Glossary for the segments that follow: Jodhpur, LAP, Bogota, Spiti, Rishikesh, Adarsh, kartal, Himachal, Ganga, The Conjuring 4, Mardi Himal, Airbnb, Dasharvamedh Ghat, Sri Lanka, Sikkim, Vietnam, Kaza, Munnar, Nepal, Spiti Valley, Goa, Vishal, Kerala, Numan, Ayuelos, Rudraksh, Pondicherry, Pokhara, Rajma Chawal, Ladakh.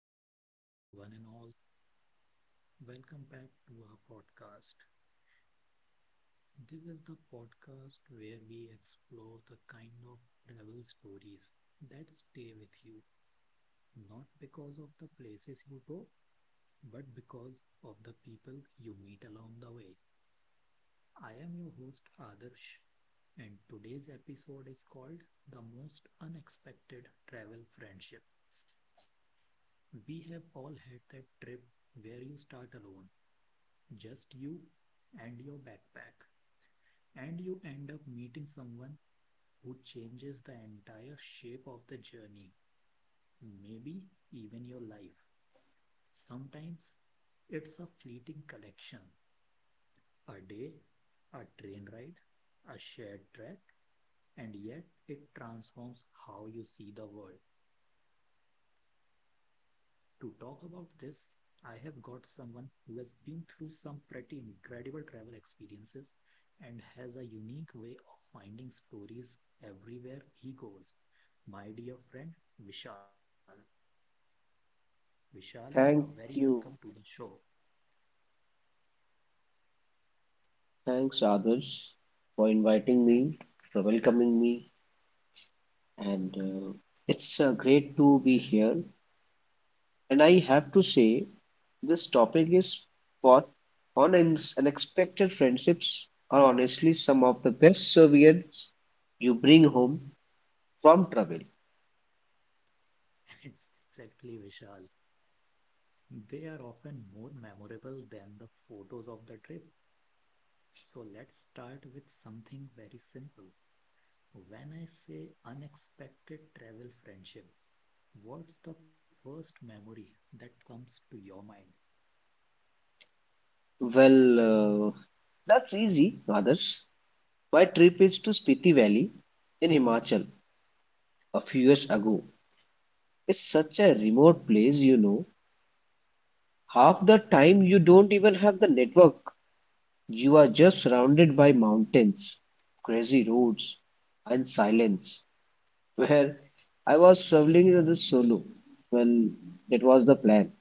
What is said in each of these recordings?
good evening to one and all. Welcome back to our podcast. This is the podcast where we explore the kind of travel stories that stay with you, not because of the places you go, but because of the people you meet along the way. I am your host, Adarsh, and today's episode is called The Most Unexpected Travel Friendships. We have all had that trip where you start alone just you and your backpack. And you end up meeting someone who changes the entire shape of the journey, maybe even your life. Sometimes it's a fleeting collection, a day, a train ride, a shared track, and yet it transforms how you see the world. To talk about this, I have got someone who has been through some pretty incredible travel experiences and has a unique way of finding stories everywhere he goes. My dear friend, Vishal. Vishal are very Thank welcome to you. the show. Thanks, Adarsh, for inviting me, for welcoming me, and it's great to be here. And I have to say, this topic is for unexpected friendships are honestly some of the best souvenirs you bring home from travel. Exactly, Vishal. They are often more memorable than the photos of the trip. So let's start with something very simple. When I say unexpected travel friendship, what's the first memory that comes to your mind? Well, uh, that's easy, Adarsh. My trip is to Spiti Valley in Himachal a few years ago. It's such a remote place, you know. Half the time you don't even have the network. You are just surrounded by mountains, crazy roads, and silence. Where I was traveling as a solo. Well, that was the plan.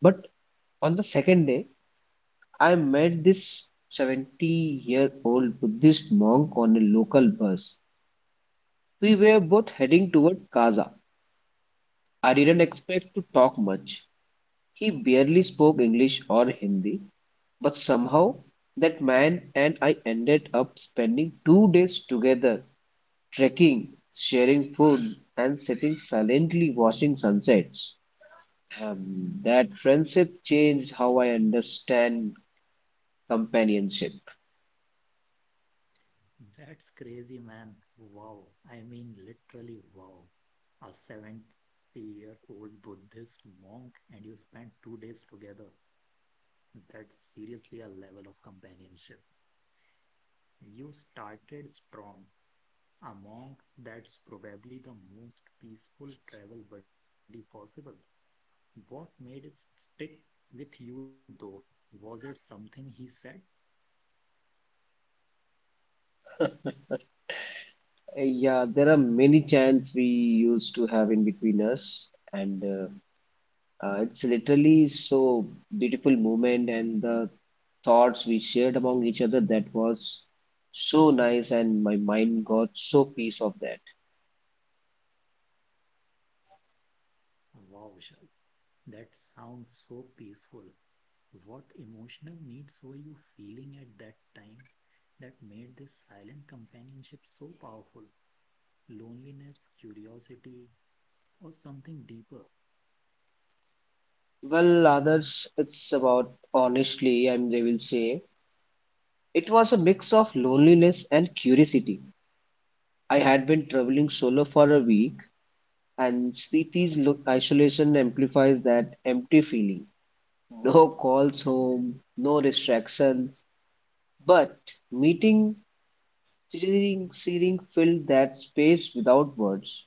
But on the second day, I met this 70-year-old Buddhist monk on a local bus. We were both heading toward Kaza. I didn't expect to talk much. He barely spoke English or Hindi, but somehow, that man and I ended up spending 2 days together, trekking, sharing food, and sitting silently watching sunsets. That friendship changed how I understand companionship. That's crazy, man. Wow. I mean, literally, wow. A 70-year-old Buddhist monk, and you spend 2 days together. That's seriously a level of companionship. You started strong. A monk, that's probably the most peaceful travel buddy possible. What made it stick with you, though? Was it something he said? Yeah, there are many chants we used to have in between us, and it's literally so beautiful moment and the thoughts we shared among each other that was so nice and my mind got so piece of that. Wow, Vishal. That sounds so peaceful. What emotional needs were you feeling at that time that made this silent companionship so powerful? Loneliness, curiosity, or something deeper? Well, others, it's about honestly and they will say it was a mix of loneliness and curiosity. I had been traveling solo for a week and isolation amplifies that empty feeling. No calls home, no distractions, but meeting seeing seeing filled that space without words.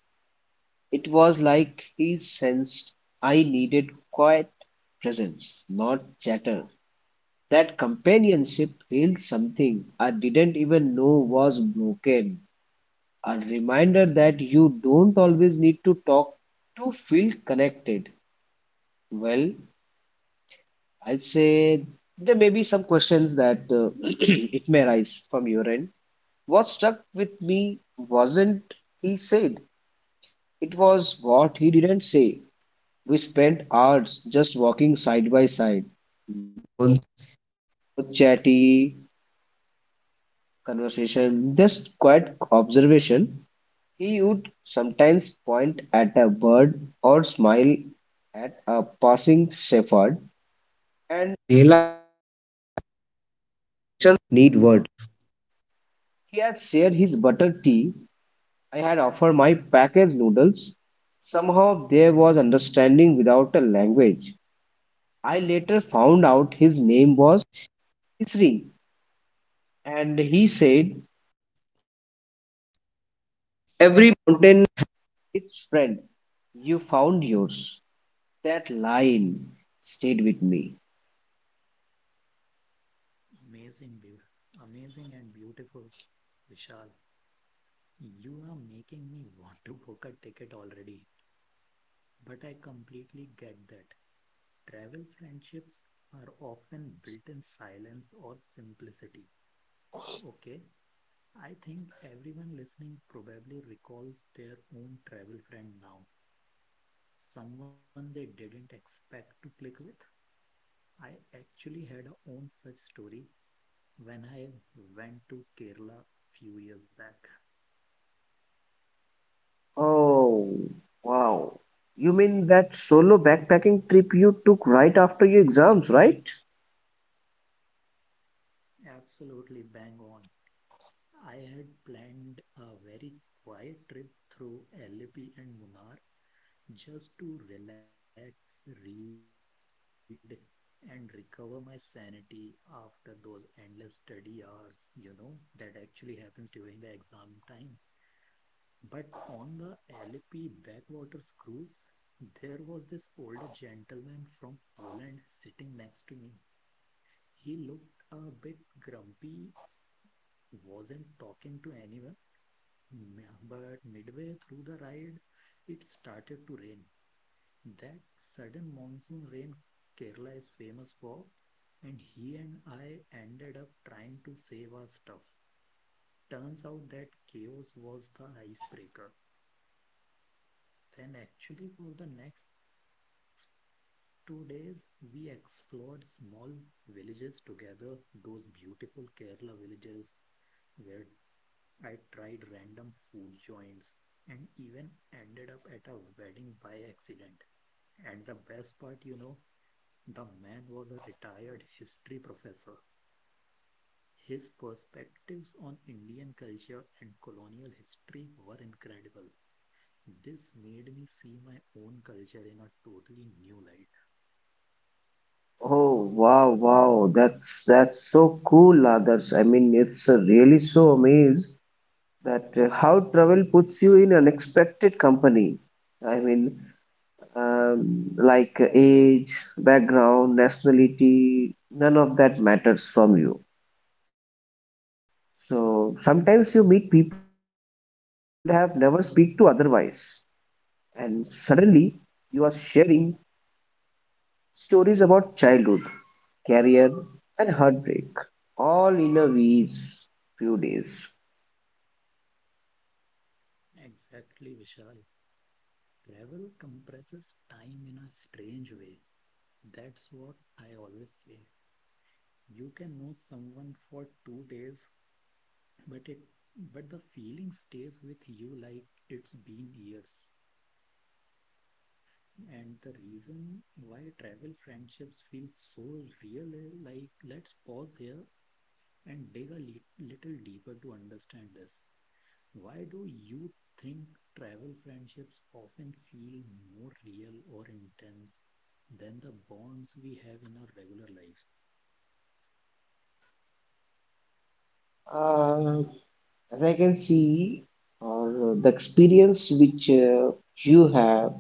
It was like he sensed I needed quiet presence, not chatter. That companionship healed something I didn't even know was broken. A reminder that you don't always need to talk to feel connected. Well, I'd say there may be some questions that it may arise from your end. What stuck with me wasn't he said, it was what he didn't say. We spent hours just walking side by side. I packaged noodles. Somehow there was understanding without a language. I later found out his Stayed with me. Amazing and beautiful. Vishal, you are making me want to book a ticket already, but I completely get that. Travel friendships are often built in silence or simplicity. Okay, I think everyone listening probably recalls their own travel friend now, someone they didn't expect to click with. I actually had a own such story when I went to Kerala few years back. Oh, wow. You mean that solo backpacking trip you took right after your exams, right? Absolutely bang on. I had planned a very quiet trip through LAP and Munnar just to relax, read, and recover my sanity after those endless study hours, you know, that actually happens during the exam time. But on the LP backwaters cruise, there was this older gentleman from Poland sitting next to me. He looked a bit grumpy, wasn't talking to anyone, but midway through the ride, it started to rain. That sudden monsoon rain Kerala is famous for, and he and I ended up trying to save our stuff. Turns out that chaos was the icebreaker. Then, actually, for the next 2 days, we explored small villages together, those beautiful Kerala villages where I tried random food joints and even ended up at a wedding by accident. And the best part, you know, the man was a retired history professor. His perspectives on Indian culture and colonial history were incredible. This made me see my own culture in a totally new light. Oh, wow, wow. That's so cool, others. I mean, it's really so amazed that how travel puts you in unexpected company. I mean, like age, background, nationality, none of that matters from you. So sometimes you meet people you'd have never speak to otherwise. And suddenly you are sharing stories about childhood, career, and heartbreak, all in a wheeze few days. Exactly, Vishal. Travel compresses time in a strange way. That's what I always say. You can know someone for 2 days, but it but the feeling stays with you like it's been years. And the reason why travel friendships feel so real is like, let's pause here and dig a little deeper to understand this. Why do you think travel friendships often feel more real or intense than the bonds we have in our regular lives? Uh, as I can see, or the experience which you have,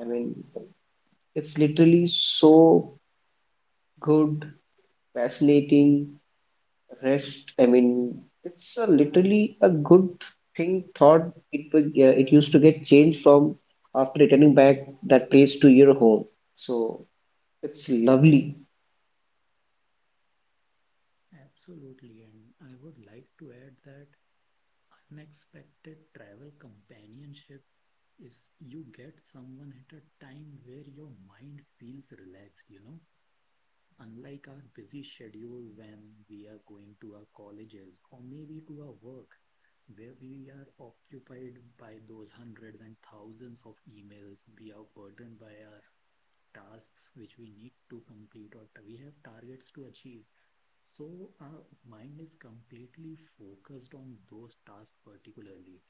I mean, it's literally so good, fascinating, rest. I mean it's a literally a good thing thought it would it used to get changed from after returning back that place to your home, so it's lovely. Absolutely. And I would like to add that unexpected travel companionship is you get someone at a time where your mind feels relaxed, you know, unlike our busy schedule when we are going to our colleges or maybe to our work, where we are occupied by those hundreds and thousands of emails. We are burdened by our tasks which we need to complete or we have targets to achieve. So our mind is completely focused on those tasks particularly.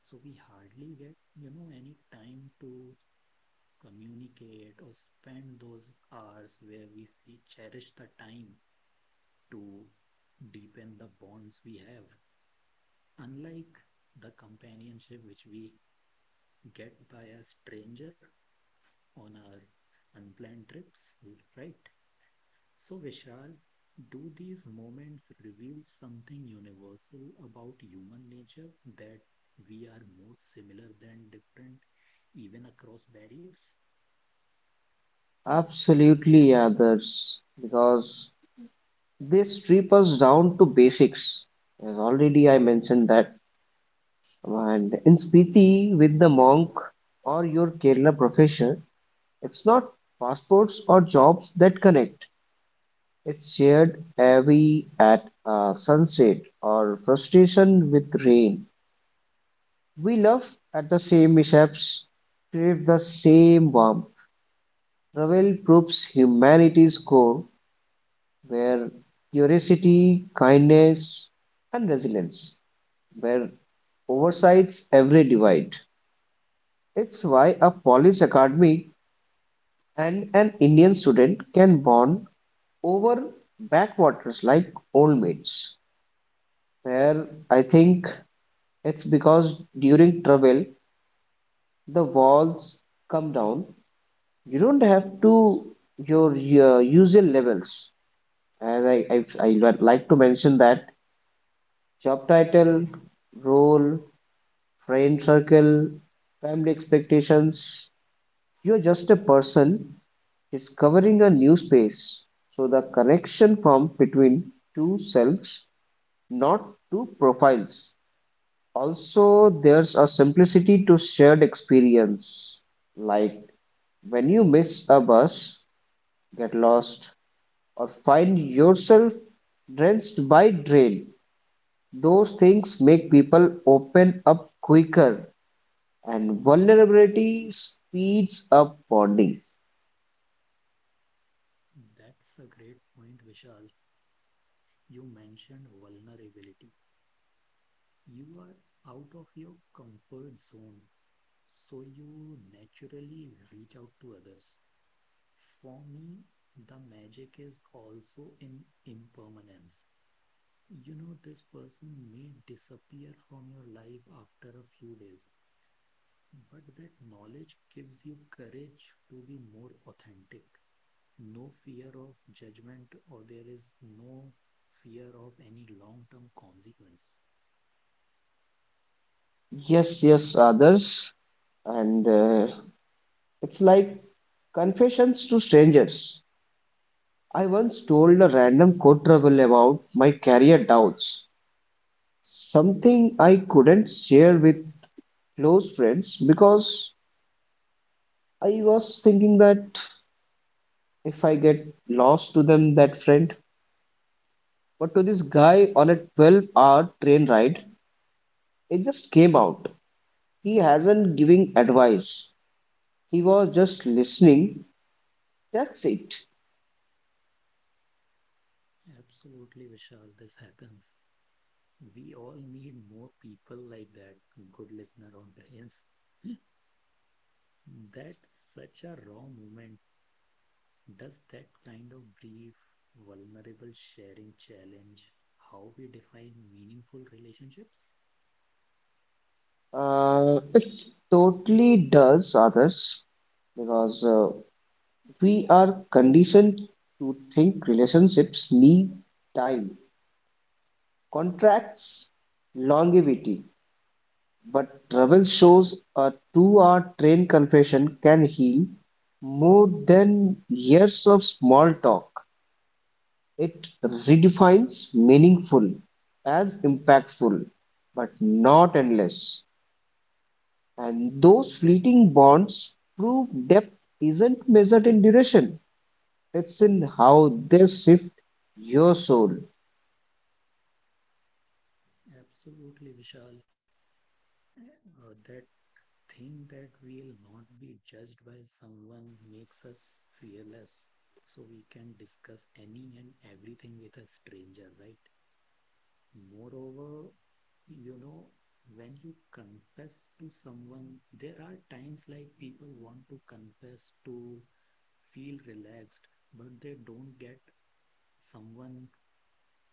So we hardly get, you know, any time to communicate, or spend those hours where we cherish the time to deepen the bonds we have. Unlike the companionship which we get by a stranger on our unplanned trips, right? So, Vishal, do these moments reveal something universal about human nature that we are more similar than different, even across barriers? Absolutely, others, because this strip us down to basics. As already I mentioned that, and in Spiti with the monk or your Kerala professor, it's not passports or jobs that connect. It shared "Away at Sunset" or "Frustration with Rain". We laugh at the same mishaps, crave the same warmth. Ravel probes humanity's core, where curiosity, kindness, and resilience, where oversights every divide. It's why a Polish academic and an Indian student can bond over backwaters like old mates. Where I think it's because during travel the walls come down. You don't have to your usual levels. As I would like to mention that job title, role, friend circle, family expectations. You're just a person discovering a new space. So the connection formed between two selves, not two profiles. Also, there's a simplicity to shared experience. Like when you miss a bus, get lost, or find yourself drenched by drain, those things make people open up quicker, and vulnerability speeds up bonding. That's a great point, Vishal. You mentioned vulnerability. You are out of your comfort zone, so you naturally reach out to others. For me, the magic is also in impermanence. You know, this person may disappear from your life after a few days, but that knowledge gives you courage to be more authentic. No fear of judgment, or there is no fear of any long term consequence. Yes, yes, others. And it's like confessions to strangers. I once told a random co travel about my career doubts, something I couldn't share with close friends because I was thinking that if I get lost to them, that friend. But to this guy on a 12-hour train ride, it just came out. He hasn't giving advice. He was just listening. That's it. Absolutely, Vishal. This happens. We all need more people like that, good listener audience. That's such a raw moment. Does that kind of brief, vulnerable sharing challenge how we define meaningful relationships? It totally does, others, because we are conditioned to think relationships need time, contracts, longevity, but travel shows a two-hour train conversation can heal more than years of small talk. It redefines meaningful as impactful, but not endless. And those fleeting bonds prove depth isn't measured in duration, it's in how they shift your soul. Absolutely, Vishal. That thing that we'll not be judged by someone makes us fearless. So we can discuss any and everything with a stranger, right? Moreover, you know, when you confess to someone, there are times like people want to confess to feel relaxed, but they don't get someone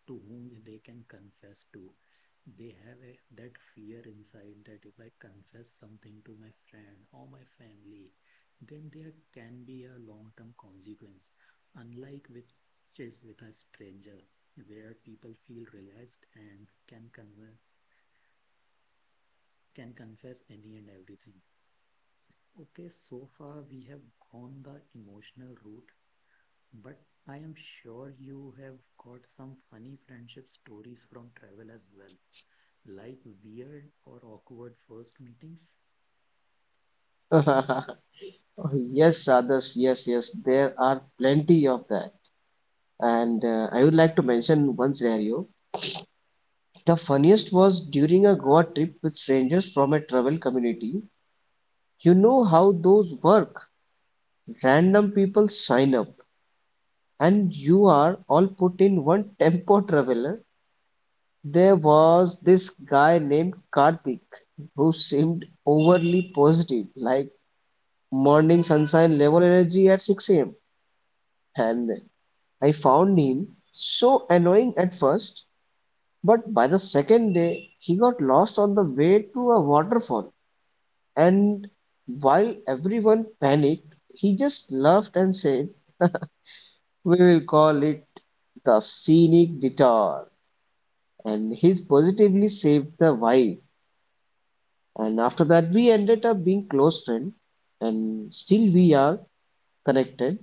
to whom they can confess to. They have a, that fear inside that if I confess something to my friend or my family, then there can be a long-term consequence. Unlike which is with a stranger, where people feel relaxed and can conver can confess any and everything. Okay, so far we have gone the emotional route, but I am sure you have got some funny friendship stories from travel as well, like weird or awkward first meetings. Yes, others, yes, yes, there are plenty of that. And I would like to mention one scenario. The funniest was during a Goa trip with strangers from a travel community. You know how those work. Random people sign up, and you are all put in one tempo traveler. There was this guy named Karthik who seemed overly positive, like morning sunshine level energy at 6 a.m. And I found him so annoying at first, but by the second day, he got lost on the way to a waterfall, and while everyone panicked, he just laughed and said, we will call it the scenic detour. And he's positively saved the vibe. And after that, we ended up being close friends, and still we are connected.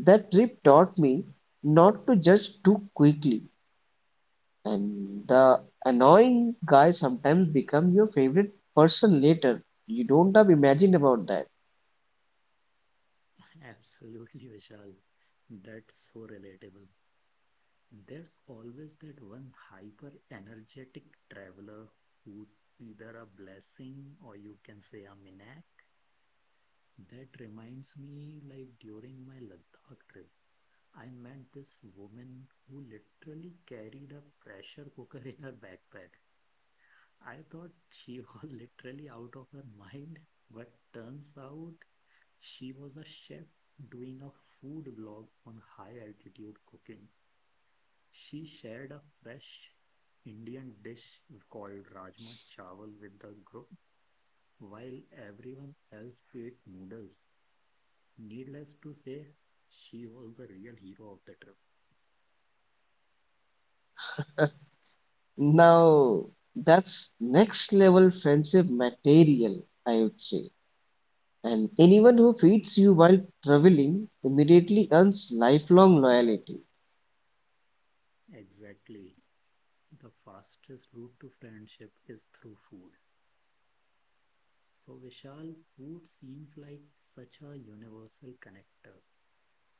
That trip taught me not to judge too quickly, and the annoying guy sometimes become your favorite person later. You don't have imagined about that. Absolutely, Vishal. That's so relatable. There's always that one hyper energetic traveler who's either a blessing or you can say a minak. That reminds me, like during my Ladakh trip, I met this woman who literally carried a pressure cooker in her backpack. I thought she was literally out of her mind, but turns out she was a chef doing a food blog on high altitude cooking. She shared a fresh Indian dish called Rajma Chawal with the group while everyone else ate noodles. Needless to say, she was the real hero of the trip. Now, that's next level friendship material, I would say. And anyone who feeds you while traveling immediately earns lifelong loyalty. Exactly. The fastest route to friendship is through food. So, Vishal, food seems like such a universal connector.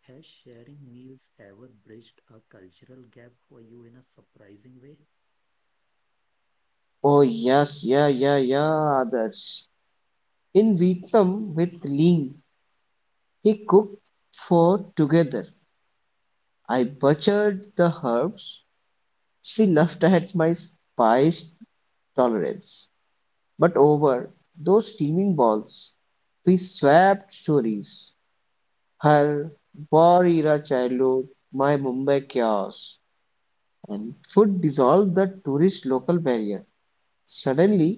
Has sharing meals ever bridged a cultural gap for you in a surprising way? Oh yes, yeah, yeah, yeah, others. In Vietnam with Ling, he cooked for together. I butchered the herbs. She laughed at my spice tolerance, but over those steaming balls we swapped stories. Her war era childhood, my Mumbai chaos, and food dissolved the tourist local barrier. Suddenly,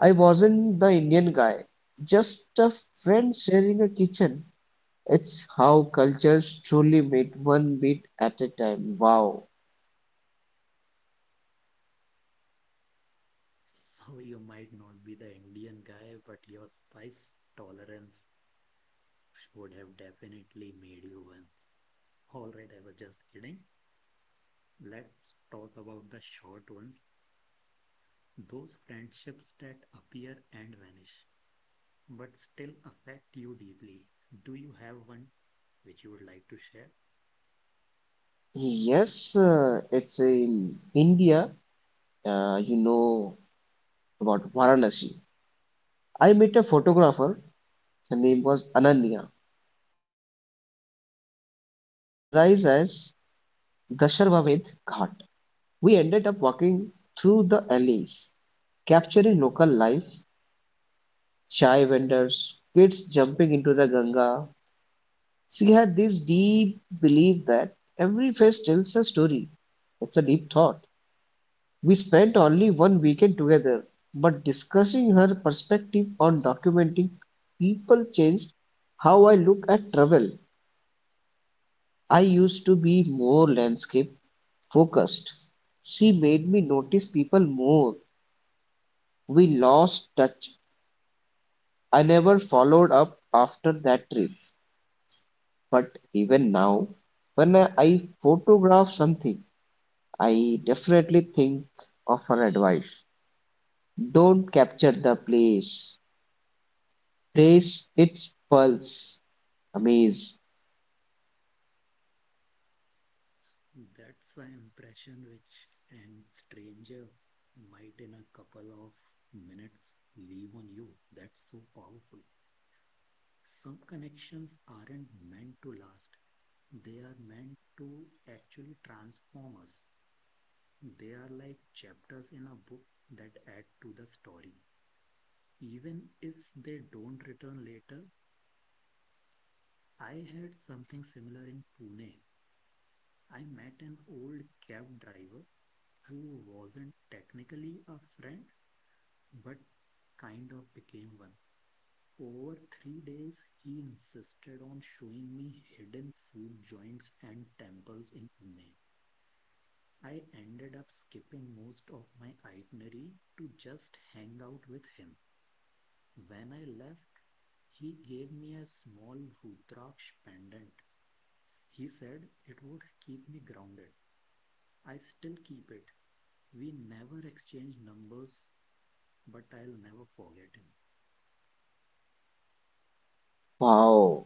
I wasn't the Indian guy, just a friend sharing a kitchen. It's how cultures truly meet one bit at a time. Wow. So, you might not be the Indian guy, but your spice tolerance would have definitely made you one. Alright, I was just kidding. Let's talk about the short ones, those friendships that appear and vanish, but still affect you deeply. Do you have one which you would like to share? Yes, it's in India. You know about Varanasi. I met a photographer, her name was Ananya, during sunrise at Dasharvamedh Ghat. We ended up walking through the alleys, capturing local life, chai vendors, kids jumping into the Ganga. She had this deep belief that every face tells a story. It's a deep thought. We spent only one weekend together, but discussing her perspective on documenting people changed how I look at travel. I used to be more landscape focused. She made me notice people more. We lost touch. I never followed up after that trip. But even now, when I photograph something, I definitely think of her advice. Don't capture the place. Trace its pulse. Amaze. That's an impression which a stranger might in a couple of minutes leave on you. That's so powerful. Some connections aren't meant to last. They are meant to actually transform us. They are like chapters in a book that add to the story. Even if they don't return later, I had something similar in Pune. I met an old cab driver who wasn't technically a friend, but kind of became one. Over 3 days, he insisted on showing me hidden food joints and temples in Pune. I ended up skipping most of my itinerary to just hang out with him. When I left, he gave me a small Rudraksh pendant. He said it would keep me grounded. I still keep it. We never exchanged numbers, but I'll never forget him. Wow.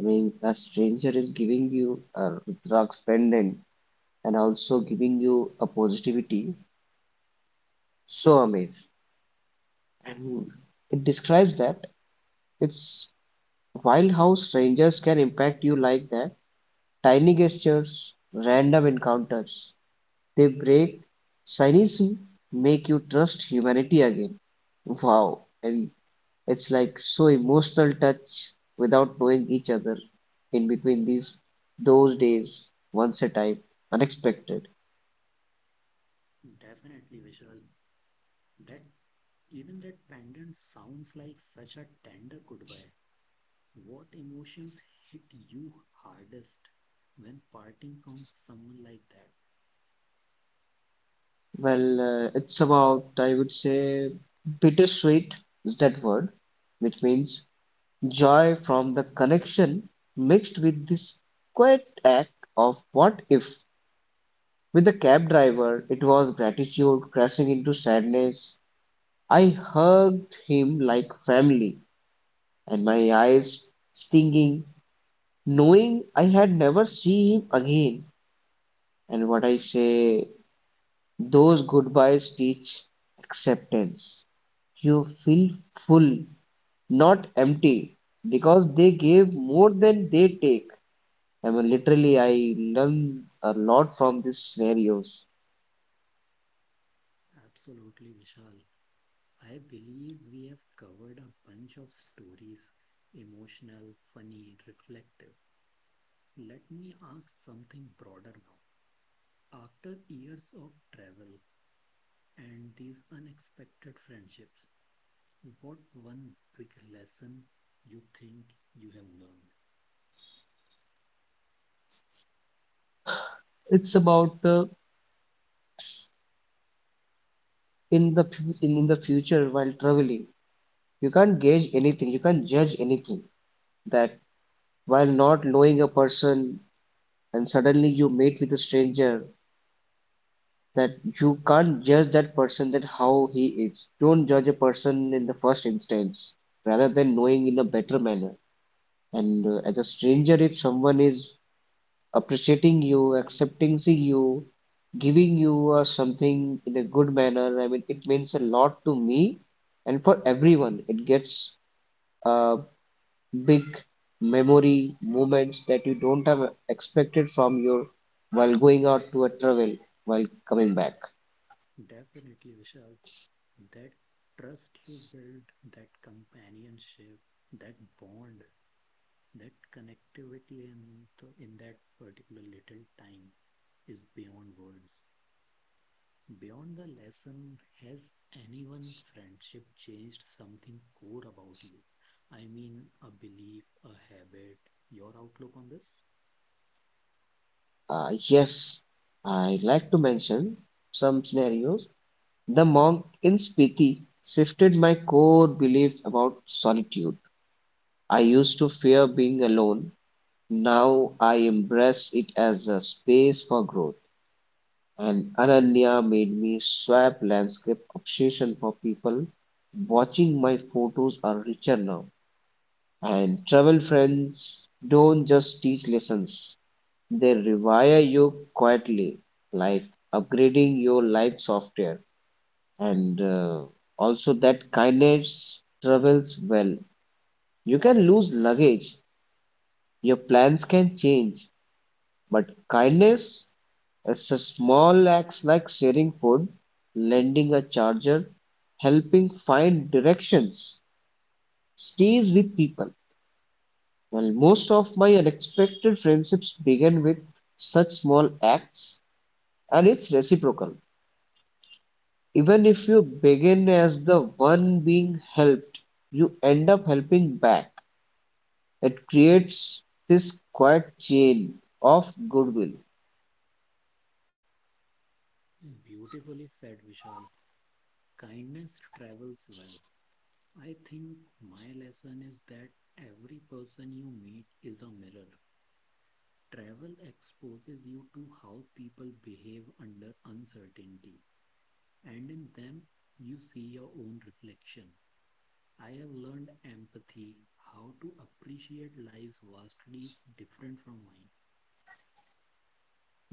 I mean, a stranger is giving you a Rudraksh pendant and also giving you a positivity, so amazing. And it describes that it's wild how strangers can impact you like that. Tiny gestures, random encounters, they break cynicism, make you trust humanity again. Wow, and it's like so emotional touch without knowing each other in between these those days, once a time, unexpected. Definitely, Vishal. That even that pendant sounds like such a tender goodbye. What emotions hit you hardest when parting from someone like that? Well, it's about, I would say, bittersweet is that word, which means joy from the connection mixed with this quiet act of what if. With the cab driver, it was gratitude crashing into sadness. I hugged him like family, and my eyes stinging, knowing I had never see him again. And what I say, those goodbyes teach acceptance. You feel full, not empty, because they gave more than they take. I mean, literally, I learn a lot from these scenarios. Absolutely, Vishal. I believe we have covered a bunch of stories emotional, funny, reflective. Let me ask something broader now. After years of travel, and these unexpected friendships, what one big lesson you think you have learned? It's about in the future while traveling. You can't gauge anything. You can't judge anything. That while not knowing a person, and suddenly you meet with a stranger, that you can't judge that person, that how he is. Don't judge a person in the first instance rather than knowing in a better manner. And as a stranger, if someone is appreciating you, accepting you, giving you something in a good manner, I mean it means a lot to me. And for everyone it gets uh, big memory moments that you don't have expected from your while going out to a travel, while coming Hmm. back. Definitely, Vishal, that trust you build, that companionship, that bond, that connectivity in that particular little time is beyond words. Beyond the lesson, has anyone friendship changed something core about you? I mean, a belief, a habit, your outlook on this? Yes, I'd like to mention some scenarios. The monk in Spiti shifted my core belief about solitude. I used to fear being alone. Now I embrace it as a space for growth. And Ananya made me swap landscape obsession for people. Watching my photos are richer now. And travel friends don't just teach lessons. They rewire you quietly, like upgrading your life software. And also, that kindness travels well. You can lose luggage, your plans can change, but kindness is a small acts like sharing food, lending a charger, helping find directions, stays with people. Well, most of my unexpected friendships began with such small acts, and it's reciprocal. Even if you begin as the one being helped, you end up helping back. It creates this quiet chain of goodwill. Beautifully said, Vishal. Kindness travels well. I think my lesson is that every person you meet is a mirror. Travel exposes you to how people behave under uncertainty, and in them, you see your own reflection. I have learned empathy, how to appreciate lives vastly different from mine.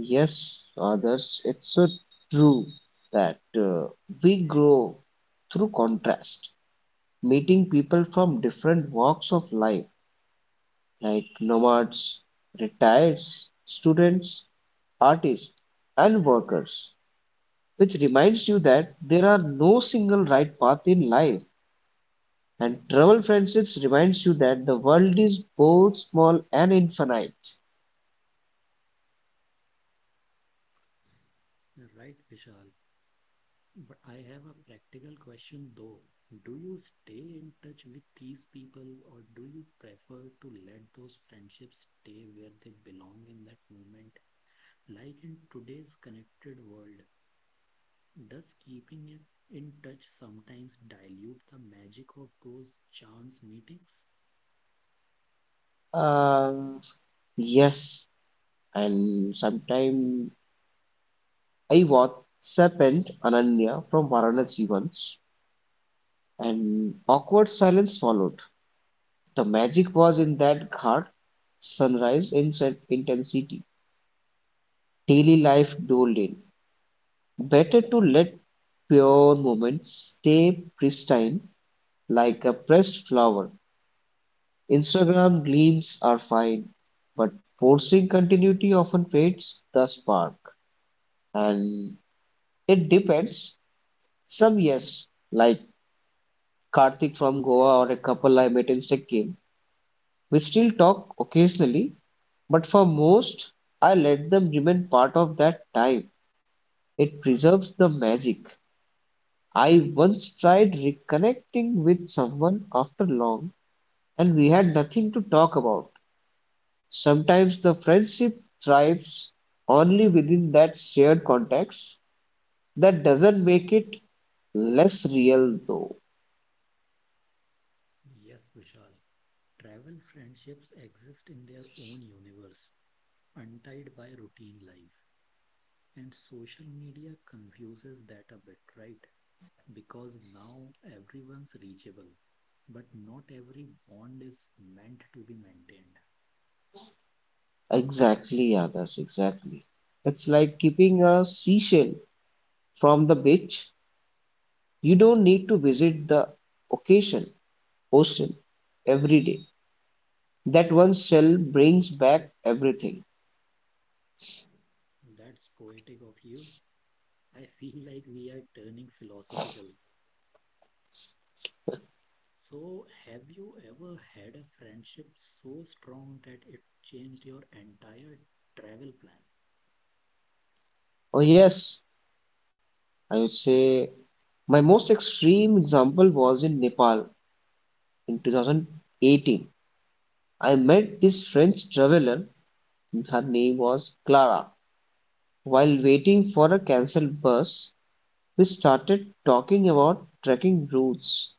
Yes, others, it's so true that we grow through contrast, meeting people from different walks of life, like nomads, retired students, artists, and workers, which reminds you that there are no single right path in life. And Trouble Friendships reminds you that the world is both small and infinite. Right, Vishal. But I have a practical question though. Do you stay in touch with these people or do you prefer to let those friendships stay where they belong in that moment? Like in today's connected world, does keeping it in touch sometimes dilute the magic of those chance meetings? Um, yes, and sometime I watched Serpent Ananya from Varanasi once, and awkward silence followed. The magic was in that ghat sunrise in intensity. Daily life doled in. Better to let pure moments stay pristine like a pressed flower. Instagram gleams are fine, but forcing continuity often fades the spark. And it depends. Some yes, like Karthik from Goa or a couple I met in Sikkim, we still talk occasionally, but for most, I let them remain part of that time. It preserves the magic. I once tried reconnecting with someone after long, and we had nothing to talk about. Sometimes the friendship thrives only within that shared context. That doesn't make it less real, though. Yes, Vishal. Travel friendships exist in their own universe, untied by routine life. And social media confuses that a bit, right? Because now everyone's reachable, but not every bond is meant to be maintained. Exactly, others, exactly. It's like keeping a seashell from the beach. You don't need to visit the occasion, ocean, every day. That one shell brings back everything. That's poetic of you. I feel like we are turning philosophical. So, have you ever had a friendship so strong that it changed your entire travel plan? Oh, yes, I would say my most extreme example was in Nepal in 2018. I met this French traveler, her name was Clara, while waiting for a cancelled bus. We started talking about trekking routes,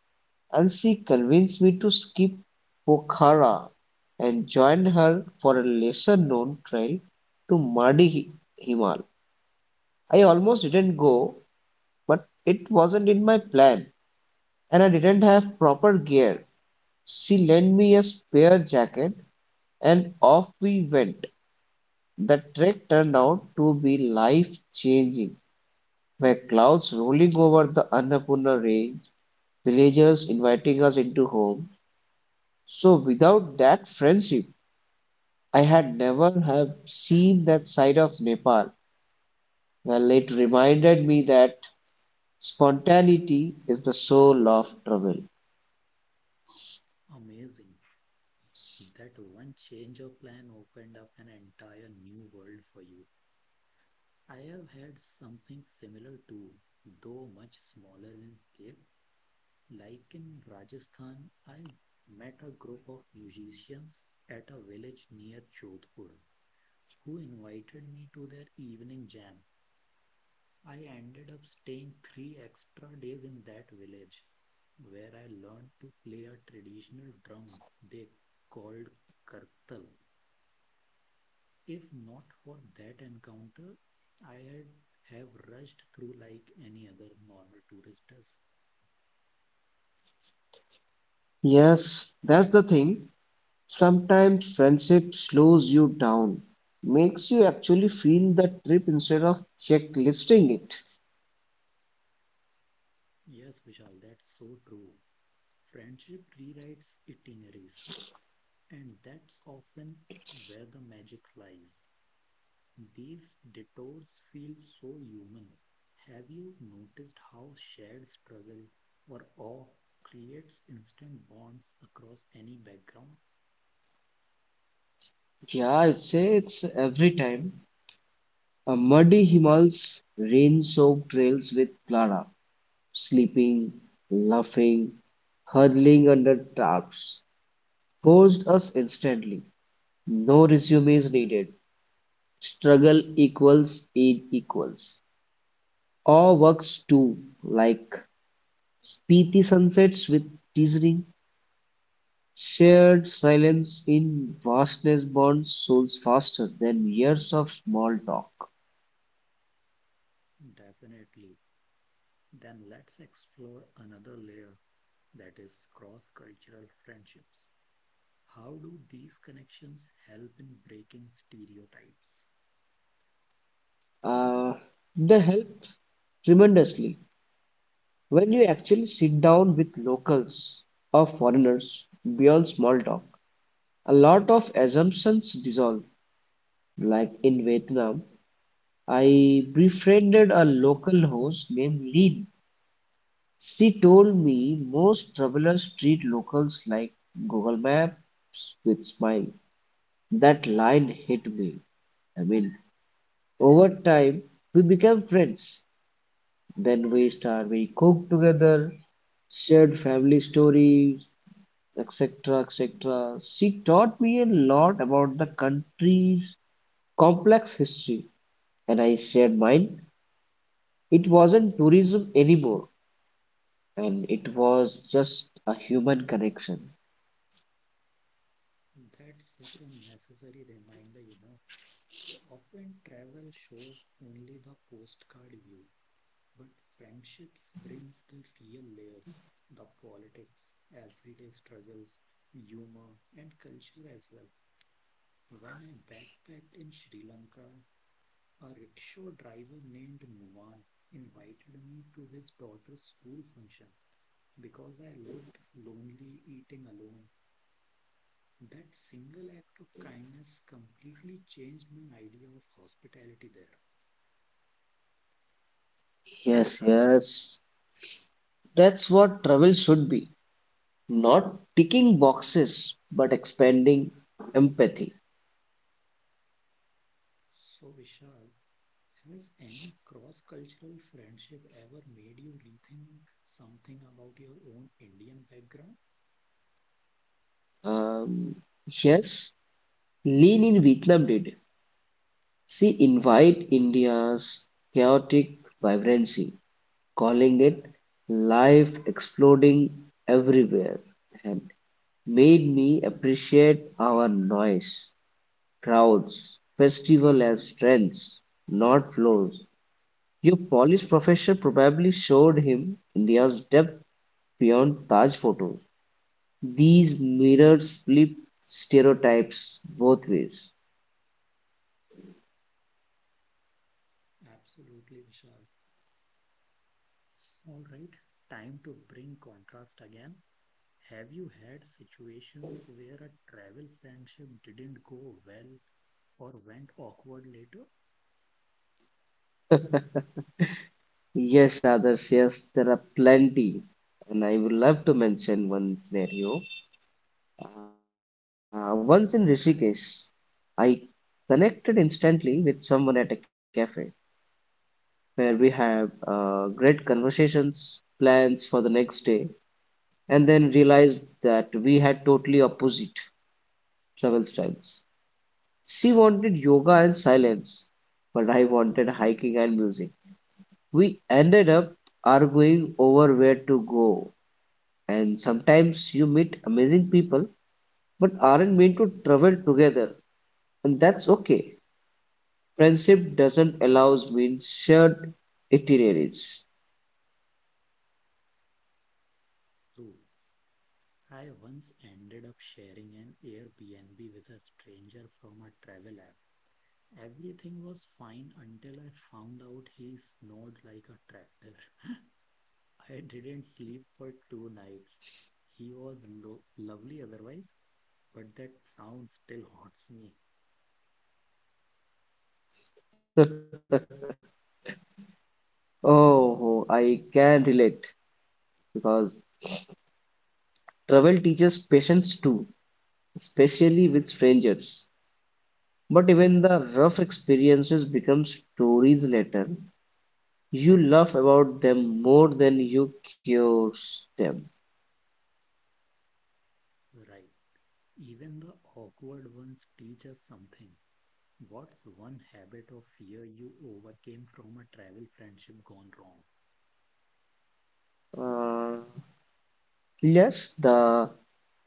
and she convinced me to skip Pokhara and joined her for a lesser known trail to Mardi Himal. I almost didn't go, but it wasn't in my plan, and I didn't have proper gear. She lent me a spare jacket, and off we went. The trek turned out to be life-changing, with clouds rolling over the Annapurna Range, villagers inviting us into home. So without that friendship, I had never have seen that side of Nepal. Well, it reminded me that spontaneity is the soul of travel. Amazing. That one change of plan opened up an entire new world for you. I have had something similar too, though much smaller in scale. Like in Rajasthan, I met a group of musicians at a village near Jodhpur who invited me to their evening jam. I ended up staying 3 extra days in that village where I learned to play a traditional drum they called kartal. If not for that encounter, I had have rushed through like any other normal tourist does. Yes, that's the thing. Sometimes friendship slows you down, makes you actually feel the trip instead of checklisting it. Yes, Vishal, that's so true. Friendship rewrites itineraries, and that's often where the magic lies. These detours feel so human. Have you noticed how shared struggle or awe creates instant bonds across any background? Yeah, I'd say it's every time. A muddy Himal's rain-soaked trails with Clara, sleeping, laughing, huddling under tarps, forced us instantly. No resume is needed. Struggle equals aid equals. All works too, like speedy sunsets with teasing, shared silence in vastness bonds souls faster than years of small talk. Definitely. Then let's explore another layer that is cross cultural friendships. How do these connections help in breaking stereotypes? Uh, they help tremendously when you actually sit down with locals or foreigners beyond small talk. A lot of assumptions dissolve. Like in Vietnam, I befriended a local host named Lin. She told me most travelers treat locals like Google Maps with smile. That line hit me. I mean, over time, we became friends. We cook together, shared family stories, etc., etc. She taught me a lot about the country's complex history, and I shared mine. It wasn't tourism anymore, and it was just a human connection. That's such a necessary reminder, you know. Often travel shows only the postcard view, but friendships brings the real layers, the politics, everyday struggles, humor, and culture as well. When I backpacked in Sri Lanka, a rickshaw driver named Numan invited me to his daughter's school function because I looked lonely eating alone. That single act of kindness completely changed my idea of hospitality there. Yes, yes, that's what travel should be. Not ticking boxes, but expanding empathy. So, Vishal, has any cross-cultural friendship ever made you rethink something about your own Indian background? Um, yes, Lean in Vietnam did. She invoked India's chaotic vibrancy, calling it "life exploding everywhere" and made me appreciate our noise, crowds, festival as strengths, not flaws. Your Polish professor probably showed him India's depth beyond Taj photos. These mirrors flip stereotypes both ways. Absolutely, Vishal. All right, time to bring contrast again. Have you had situations where a travel friendship didn't go well or went awkward later? Yes, Adarsh, yes, there are plenty. And I would love to mention one scenario. Once in Rishikesh, I connected instantly with someone at a cafe where we had great conversations, plans for the next day, and then realized that we had totally opposite travel styles. She wanted yoga and silence, but I wanted hiking and music. We ended up arguing over where to go. And sometimes you meet amazing people but aren't meant to travel together, and that's okay. Friendship doesn't allow means shared itineraries. True. I once ended up sharing an Airbnb with a stranger from a travel app. Everything was fine until I found out he snored like a tractor. I didn't sleep for 2 nights. He was lovely otherwise, but that sound still haunts me. Oh, I can relate because travel teaches patience too, especially with strangers. But even the rough experiences become stories later. You laugh about them more than you curse them. Right. Even the awkward ones teach us something. What's one habit or fear you overcame from a travel friendship gone wrong? Uh, yes, the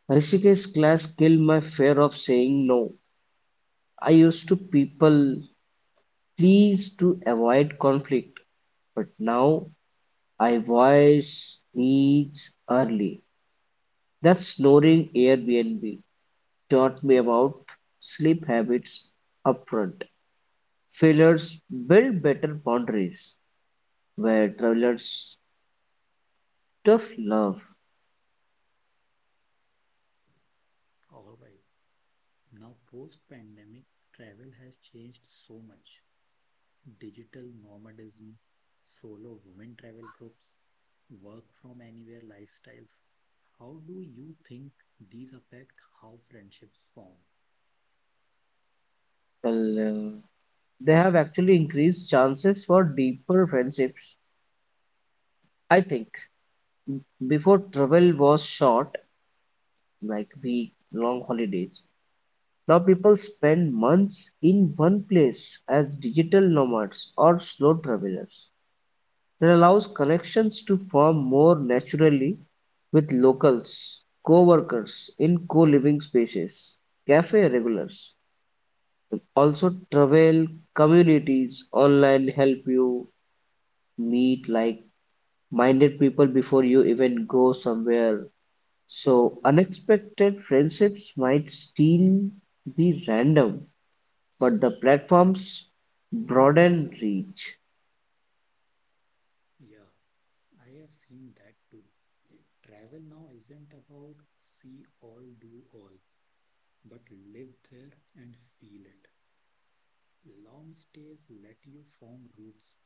Rishikesh class killed my fear of saying no. I used to people please to avoid conflict, but now I voice needs early. That snoring Airbnb taught me about sleep habits upfront. Failures build better boundaries where travelers tough love. All right. Now, post pandemic, travel has changed so much. Digital nomadism, solo women travel groups, work from anywhere lifestyles. How do you think these affect how friendships form? Well, they have actually increased chances for deeper friendships. I think before travel was short, like week long holidays. Now people spend months in one place as digital nomads or slow travelers. It allows connections to form more naturally with locals, co-workers in co-living spaces, cafe regulars. Also travel communities online help you meet like minded people before you even go somewhere. So, unexpected friendships might still be random, but the platforms broaden reach. Yeah, I have seen that too. Travel now isn't about see all, do all, but live there and feel it. Long stays let you form groups.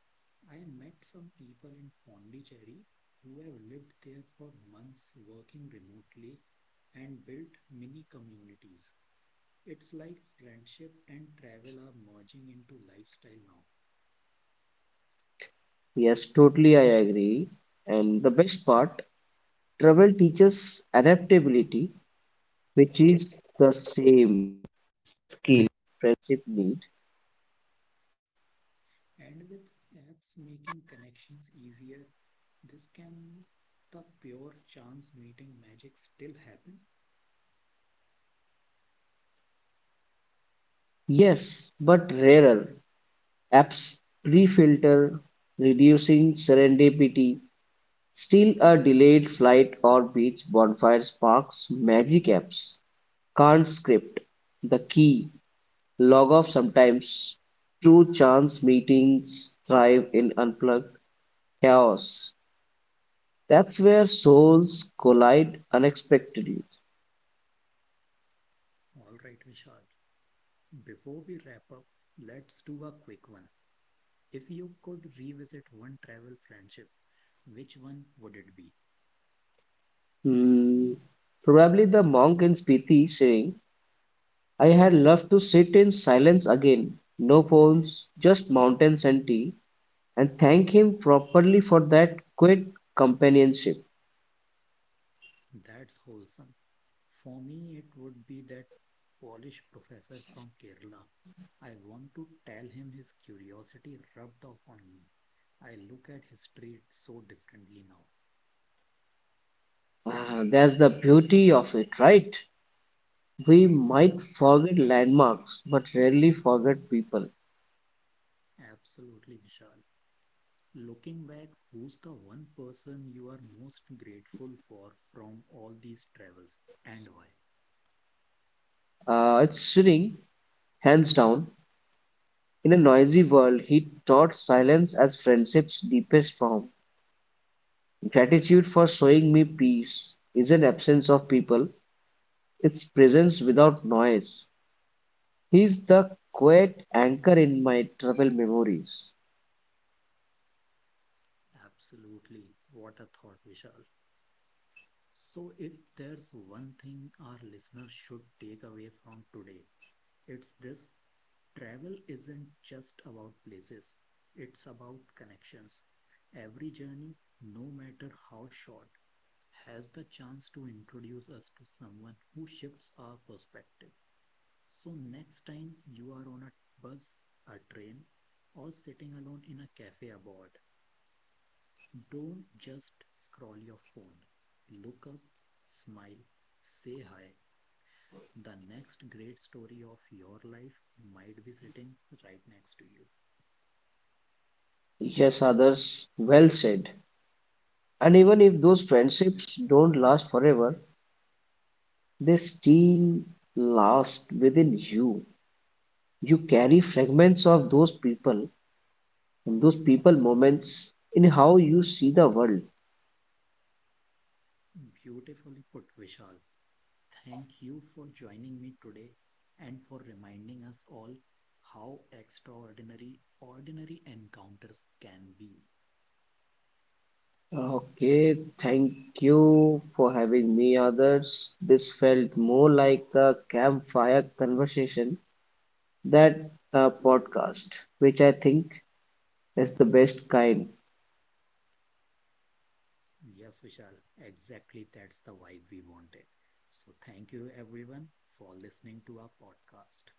I met some people in Pondicherry who have lived there for months working remotely and built mini communities. It's like friendship and travel are merging into lifestyle now. Yes, totally, I agree. And the best part, travel teaches adaptability, which is the same skill friendship need. And with apps making connections easier, this can the pure chance meeting magic still happen? Yes, but rarer. Apps pre-filter, reducing serendipity. Still, a delayed flight or beach bonfire sparks magic apps. Can't script the key, log off sometimes. True chance meetings thrive in unplugged chaos. That's where souls collide unexpectedly. All right, Vishal. Before we wrap up, let's do a quick one. If you could revisit one travel friendship, which one would it be? Hmm. Probably the monk in Spiti saying, I had loved to sit in silence again, no phones, just mountains and tea, and thank him properly for that quiet companionship. That's wholesome. For me, it would be that Polish professor from Kerala. I want to tell him his curiosity rubbed off on me. I look at history so differently now. Ah, that's the beauty of it, right? We might forget landmarks, but rarely forget people. Absolutely, Vishal. Looking back, who's the one person you are most grateful for from all these travels and why? It's Sting, hands down. In a noisy world, he taught silence as friendship's deepest form. Gratitude for showing me peace isn't absence of people, it's presence without noise. He's the quiet anchor in my troubled memories. Absolutely. What a thought, Vishal. So, if there's one thing our listeners should take away from today, it's this travel isn't just about places, it's about connections. Every journey, no matter how short, has the chance to introduce us to someone who shifts our perspective. So, next time you are on a bus, a train, or sitting alone in a cafe abroad, don't just scroll your phone. Look up, smile, say hi. The next great story of your life might be sitting right next to you. Yes, others, well said. And even if those friendships don't last forever, they still last within you. You carry fragments of those people moments in how you see the world. Beautifully put, Vishal. Thank you for joining me today and for reminding us all how extraordinary ordinary encounters can be. Okay, thank you for having me, others. This felt more like a campfire conversation than a podcast, which I think is the best kind. Yes, Vishal, exactly that's the vibe we wanted. So, thank you everyone for listening to our podcast.